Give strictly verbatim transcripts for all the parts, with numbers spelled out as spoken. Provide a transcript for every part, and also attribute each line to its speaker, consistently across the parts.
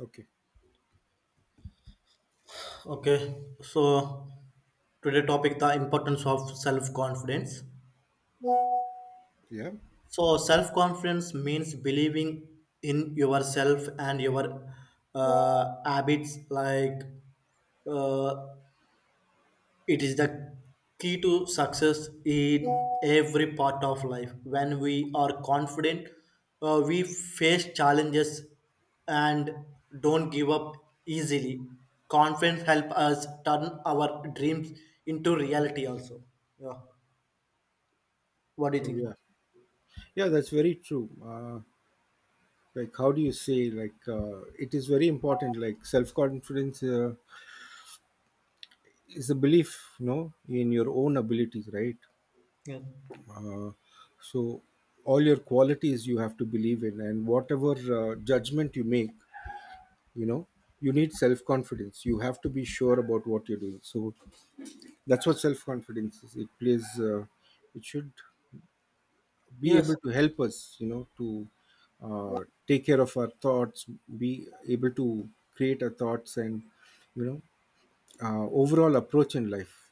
Speaker 1: Okay.
Speaker 2: Okay, so today topic the importance of self confidence.
Speaker 1: Yeah.
Speaker 2: So self confidence means believing in yourself and your uh, habits like uh, it is the key to success in every part of life. When we are confident, uh, we face challenges and don't give up easily. Confidence help us turn our dreams into reality also. Yeah. What do you
Speaker 1: Oh,
Speaker 2: think?
Speaker 1: yeah. Yeah, that's very true. Uh, like, how do you say? Like, uh, it is very important. Like, self confidence uh, is a belief, no, in your own abilities, right?
Speaker 2: Yeah.
Speaker 1: Uh, so, all your qualities you have to believe in, and whatever uh, judgment you make, you know, you need self confidence. You have to be sure about what you're doing. So, that's what self confidence is. It plays. Uh, it should be
Speaker 2: Yes.
Speaker 1: able to help us you know to uh, take care of our thoughts, be able to create our thoughts, and you know uh, overall approach in life.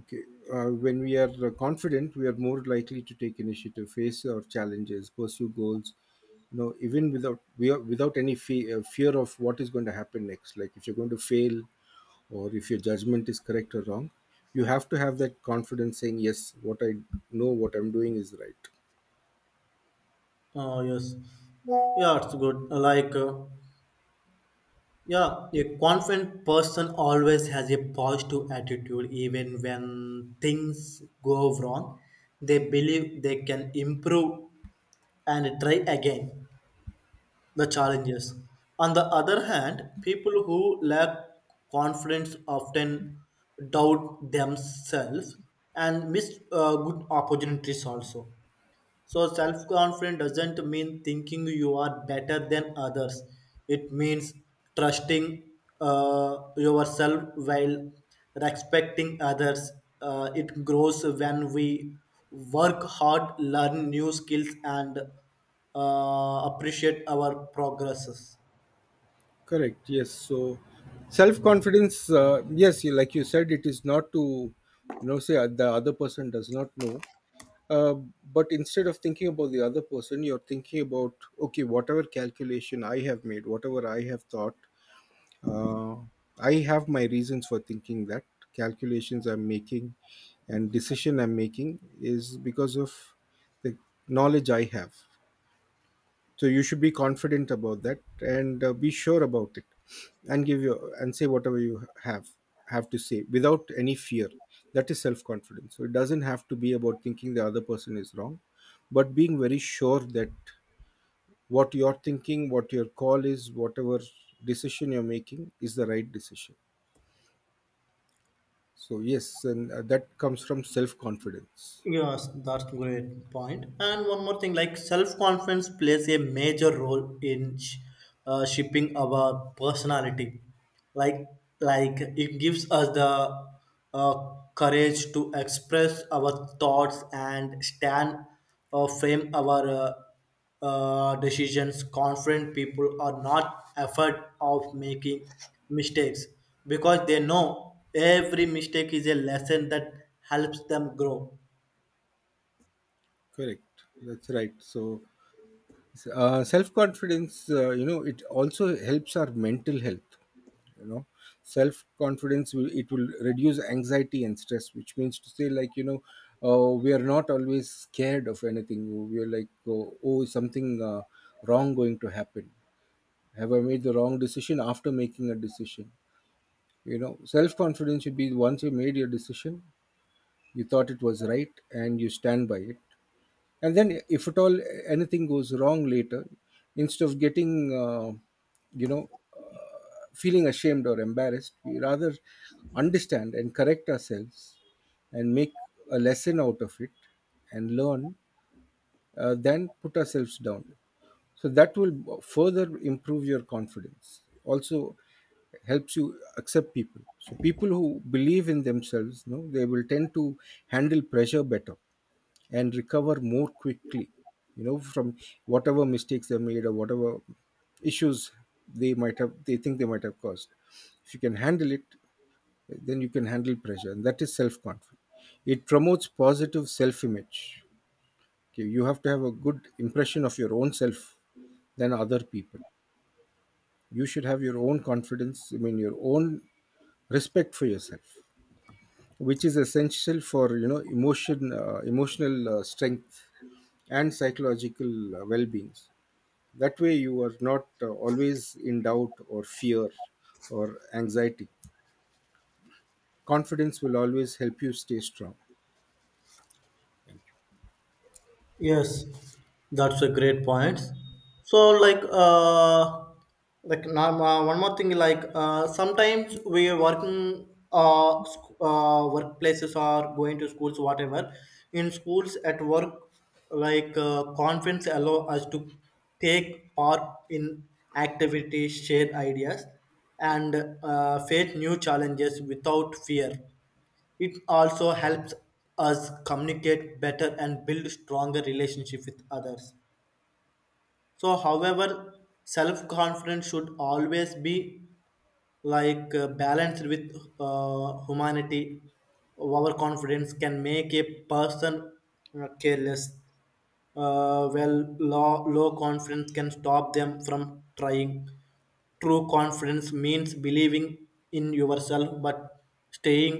Speaker 1: Okay, uh, when we are uh, confident, we are more likely to take initiative, face our challenges, pursue goals, you know, even without we are, without any fe- uh, fear of what is going to happen next, like if you're going to fail or if your judgment is correct or wrong. You have to have that confidence saying yes, what I know what I'm doing is right.
Speaker 2: Uh, yes. Yeah, it's good. Like uh, Yeah, a confident person always has a positive attitude even when things go wrong. They believe they can improve and try again the challenges. On the other hand, people who lack confidence often doubt themselves and miss uh, good opportunities also. So self-confidence doesn't mean thinking you are better than others. It means trusting uh, yourself while respecting others. Uh, it grows when we work hard, learn new skills, and uh, appreciate our progresses.
Speaker 1: Correct. Yes. So, self confidence. Uh, yes, you, like you said, it is not to, you know, say uh, the other person does not know. Uh, but instead of thinking about the other person, you're thinking about okay, whatever calculation I have made, whatever I have thought, uh, I have my reasons for thinking that, calculations I'm making and decision I'm making is because of the knowledge I have. So you should be confident about that and uh, be sure about it, and give your and say whatever you have have to say without any fear. That is self confidence, so it doesn't have to be about thinking the other person is wrong, but being very sure that what you're thinking, what your call is, whatever decision you're making is the right decision. So yes, and uh, that comes from self confidence.
Speaker 2: Yes, that's great point. And one more thing, like self-confidence plays a major role in sh- uh, shaping our personality. Like, like it gives us the uh, courage to express our thoughts and stand or frame our uh, uh, decisions. Confident people are not afraid of making mistakes because they know every mistake is a lesson that helps them grow.
Speaker 1: Correct, that's right. So uh, self confidence, uh, you know, it also helps our mental health. You know, self confidence will it will reduce anxiety and stress, which means to say, like, you know, uh, we are not always scared of anything. We are like, oh, oh, is something uh, wrong going to happen? Have I made the wrong decision after making a decision? You know, self confidence should be, once you made your decision, you thought it was right and you stand by it. And then if at all anything goes wrong later, instead of getting uh, you know feeling ashamed or embarrassed, we rather understand and correct ourselves, and make a lesson out of it and learn, uh, than put ourselves down. So that will further improve your confidence. Also helps you accept people. So people who believe in themselves, no, they will tend to handle pressure better and recover more quickly. You know, from whatever mistakes they made or whatever issues they might have, they think they might have caused, if you can handle it then you can handle pressure, and that is self-confidence. It promotes positive self-image. Okay, you have to have a good impression of your own self than other people. You should have your own confidence, I mean your own respect for yourself, which is essential for, you know, emotion uh, emotional uh, strength and psychological uh, well-being. That way you are not uh, always in doubt or fear or anxiety. Confidence will always help you stay strong.
Speaker 2: Yes, that's a great point. So, like, uh, like now, uh, one more thing, like, uh, sometimes we are working, uh, sc- uh, workplaces or going to schools, whatever. In schools, at work, like, uh, conference allow us to take part in activities, share ideas, and uh, face new challenges without fear. It also helps us communicate better and build stronger relationship with others. So, however, self confidence should always be like uh, balanced with uh, humanity. Overconfidence can make a person uh, careless. Uh, well low, low confidence can stop them from trying. True confidence means believing in yourself but staying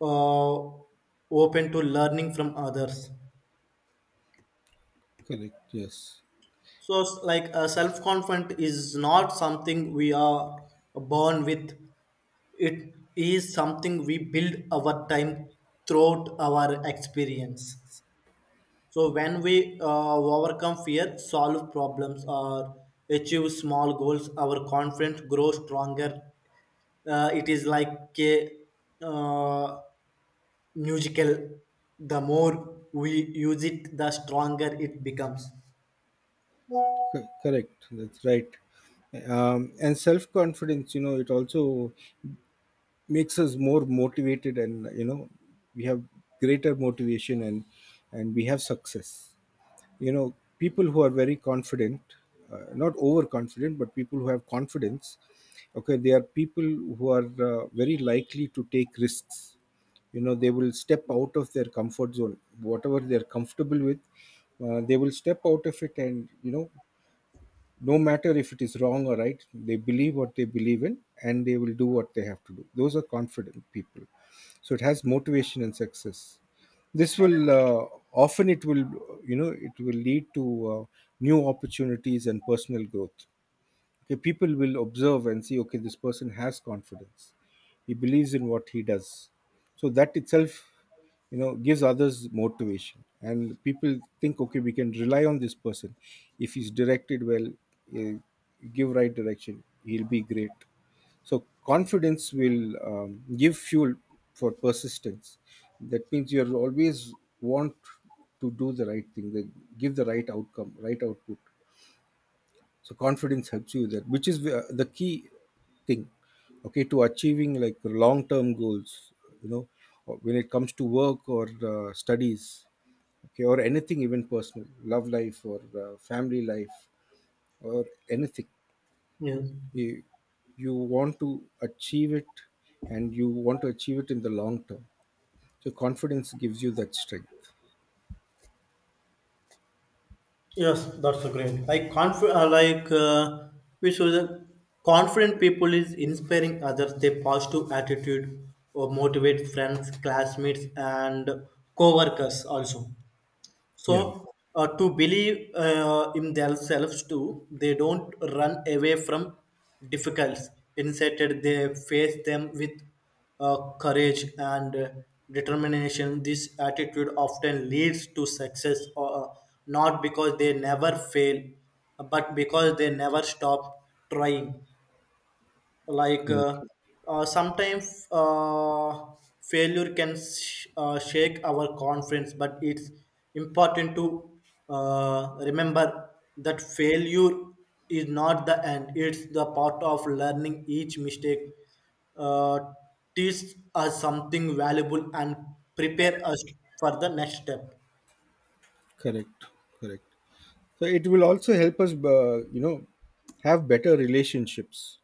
Speaker 2: uh, open to learning from others.
Speaker 1: Correct, yes.
Speaker 2: So, s- like, uh, self confidence is not something we are born with. It is something we build over time throughout our experiences. So, when we uh, overcome fear, solve problems, or achieve small goals, our confidence grows stronger. Uh, it is like a uh, musical. The more we use it, the stronger it becomes.
Speaker 1: Co- correct, that's right. Um, and self confidence, you know, it also makes us more motivated, and you know, we have greater motivation and and we have success. You know, people who are very confident, uh, not overconfident, but people who have confidence, okay, they are people who are uh, very likely to take risks. You know, they will step out of their comfort zone, whatever they are comfortable with, uh, they will step out of it. And you know, no matter if it is wrong or right, they believe what they believe in and they will do what they have to do. Those are confident people. So it has motivation and success. This will uh, often it will you know, it will lead to uh, new opportunities and personal growth. Okay, people will observe and see, okay, this person has confidence, he believes in what he does. So that itself, you know, gives others motivation, and people think, okay, we can rely on this person. If he's directed well, eh, give right direction, he'll be great. So confidence will um, give fuel for persistence. That means you're always want to do the right thing, the, give the right outcome, right output. So confidence helps you there, which is uh, the key thing, okay, to achieving like long term goals, you know, or when it comes to work or uh, studies, okay, or anything, even personal love life or uh, family life or anything.
Speaker 2: Yes.
Speaker 1: You, you want to achieve it, and you want to achieve it in the long term. So confidence gives you that strength.
Speaker 2: Yes, that's a great. Like conf- uh, like uh, we show the confident people is inspiring others. Their positive attitude or motivate friends, classmates, and co-workers also.
Speaker 1: Yeah.
Speaker 2: So, uh, to believe uh, in themselves too, they don't run away from difficulties. Instead, they face them with uh, courage and uh, determination. This attitude often leads to success, uh, not because they never fail, but because they never stop trying. Like
Speaker 1: correct
Speaker 2: uh, uh, sometimes uh, failure can sh- uh, shake our confidence, but it's important to uh, remember that failure is not the end, it's the part of learning. Each mistake uh, teaches us something valuable and prepare us for the next step.
Speaker 1: correct Correct. So it will also help us, uh, you know have better relationships,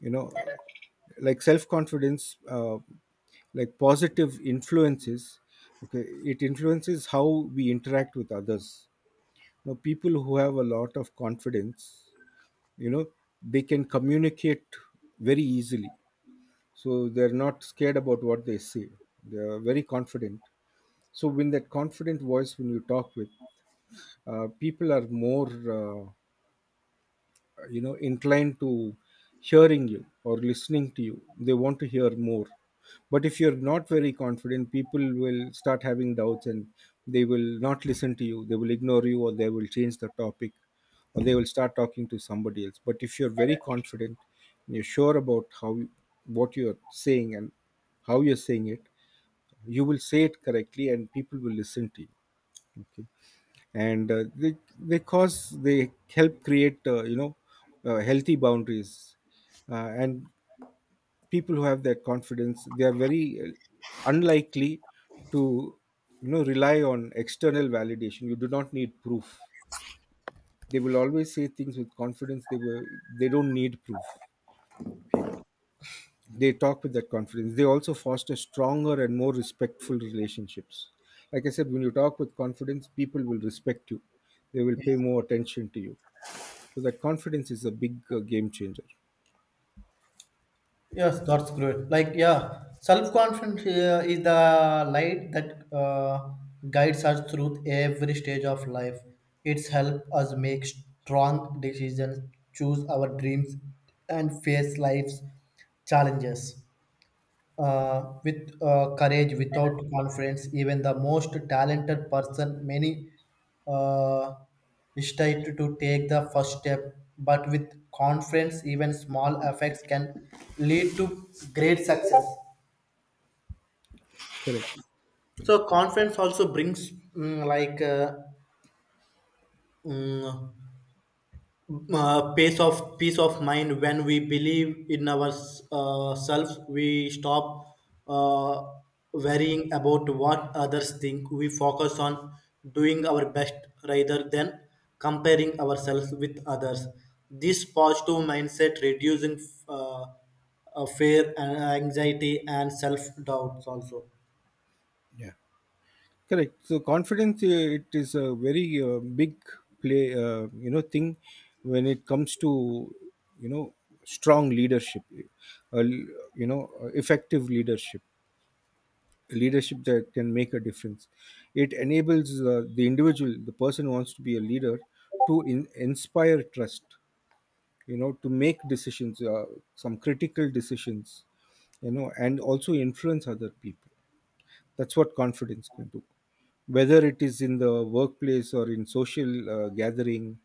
Speaker 1: you know. Like self confidence, uh, like positive influences, okay, it influences how we interact with others. Now, people who have a lot of confidence, you know, they can communicate very easily, so they're not scared about what they say. They are very confident. So when that confident voice, when you talk with, uh, people are more, uh, you know inclined to hearing you or listening to you. They want to hear more. But if you're not very confident, people will start having doubts and they will not listen to you. They will ignore you or they will change the topic, or they will start talking to somebody else. But if you're very confident and you're sure about how you- what you're saying and how you're saying it, you will say it correctly and people will listen to you. Okay. And uh, they they cause they help create uh, you know uh, healthy boundaries, uh, and people who have that confidence, they are very uh, unlikely to, you know, rely on external validation. You do not need proof. They will always say things with confidence. They were they don't need proof. Okay, they talk with that confidence. They also foster stronger and more respectful relationships. Like I said, when you talk with confidence, people will respect you, they will pay more attention to you. So that confidence is a big uh, game changer.
Speaker 2: Yes, that's great. Like, yeah, self confidence uh, is the light that uh, guides us through every stage of life. It's helped us make strong decisions, choose our dreams, and face life's challenges. Uh, with uh, courage, without confidence, even the most talented person, many uh, hesitate to take the first step. But with confidence, even small effects can lead to great success.
Speaker 1: Correct.
Speaker 2: So confidence also brings mm, like uh, mm, uh, pace of peace of mind. When we believe in ourselves uh, selves, we stop uh, worrying about what others think. We focus on doing our best rather than comparing ourselves with others. This positive mindset reducing uh, uh, fear and anxiety and self doubts also.
Speaker 1: Yeah. Correct. So confidence, uh, it is a very uh, big play, uh, you know, thing when it comes to, you know, strong leadership, uh, you know, uh, effective leadership, leadership that can make a difference. It enables uh, the individual, the person who wants to be a leader, to in- inspire trust, you know, to make decisions, uh, some critical decisions, you know, and also influence other people. That's what confidence can do. Whether it is in the workplace or in social uh, gathering,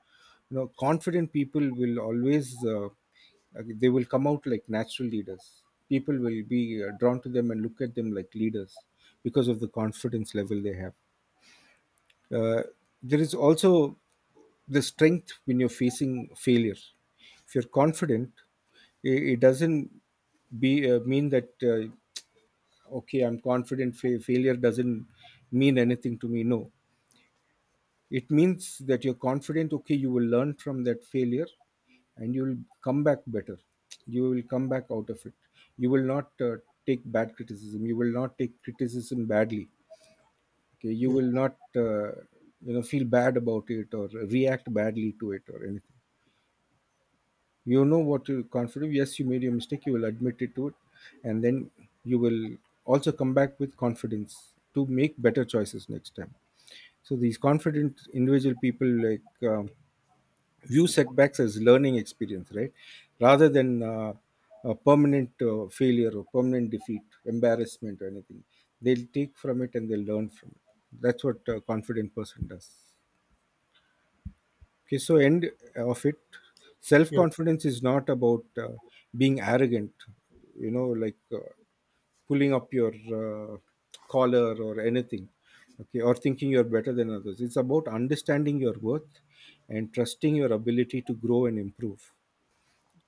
Speaker 1: you know, confident people will always, uh, like, they will come out like natural leaders. People will be uh, drawn to them and look at them like leaders because of the confidence level they have. Uh, there is also the strength when you're facing failure. If you're confident, it, it doesn't be uh, mean that, uh, okay, I'm confident, fa- failure doesn't mean anything to me, no. It means that you're confident, okay, you will learn from that failure and you will come back better. You will come back out of it. You will not uh, take bad criticism, you will not take criticism badly. Okay, you
Speaker 2: Yeah.
Speaker 1: will not uh, you know feel bad about it or react badly to it or anything. You know what, you can't, yes, you made your mistake, you will admit it to it. And then you will also come back with confidence to make better choices next time. So these confident individual people, like um, view setbacks as learning experience, right, rather than uh, a permanent uh, failure or permanent defeat, embarrassment or anything. They'll take from it and they'll learn from it. That's what a confident person does. Okay, so end of it, self
Speaker 2: Yeah.
Speaker 1: confidence is not about uh, being arrogant, you know, like, uh, pulling up your uh, collar or anything, okay, or thinking you're better than others. It's about understanding your worth and trusting your ability to grow and improve.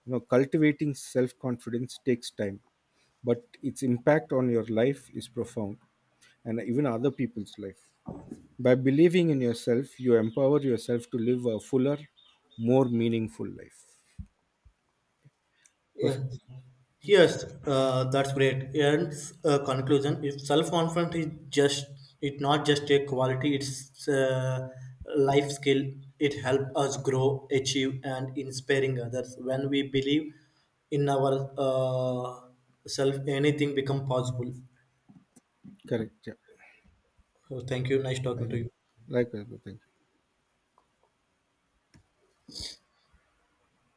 Speaker 1: You know, cultivating self confidence takes time, but its impact on your life is profound, and even other people's life. By believing in yourself, you empower yourself to live a fuller, more meaningful life.
Speaker 2: Yeah.
Speaker 1: Perfect.
Speaker 2: Yes, uh, that's great. And uh, conclusion: if self-confidence is just, it's not just a quality; it's a life skill. It helps us grow, achieve, and inspiring others. When we believe in our uh, self, anything become possible.
Speaker 1: Correct. Yeah.
Speaker 2: So thank you. Nice
Speaker 1: I
Speaker 2: talking to
Speaker 1: know.
Speaker 2: you.
Speaker 1: Likewise, but thank you.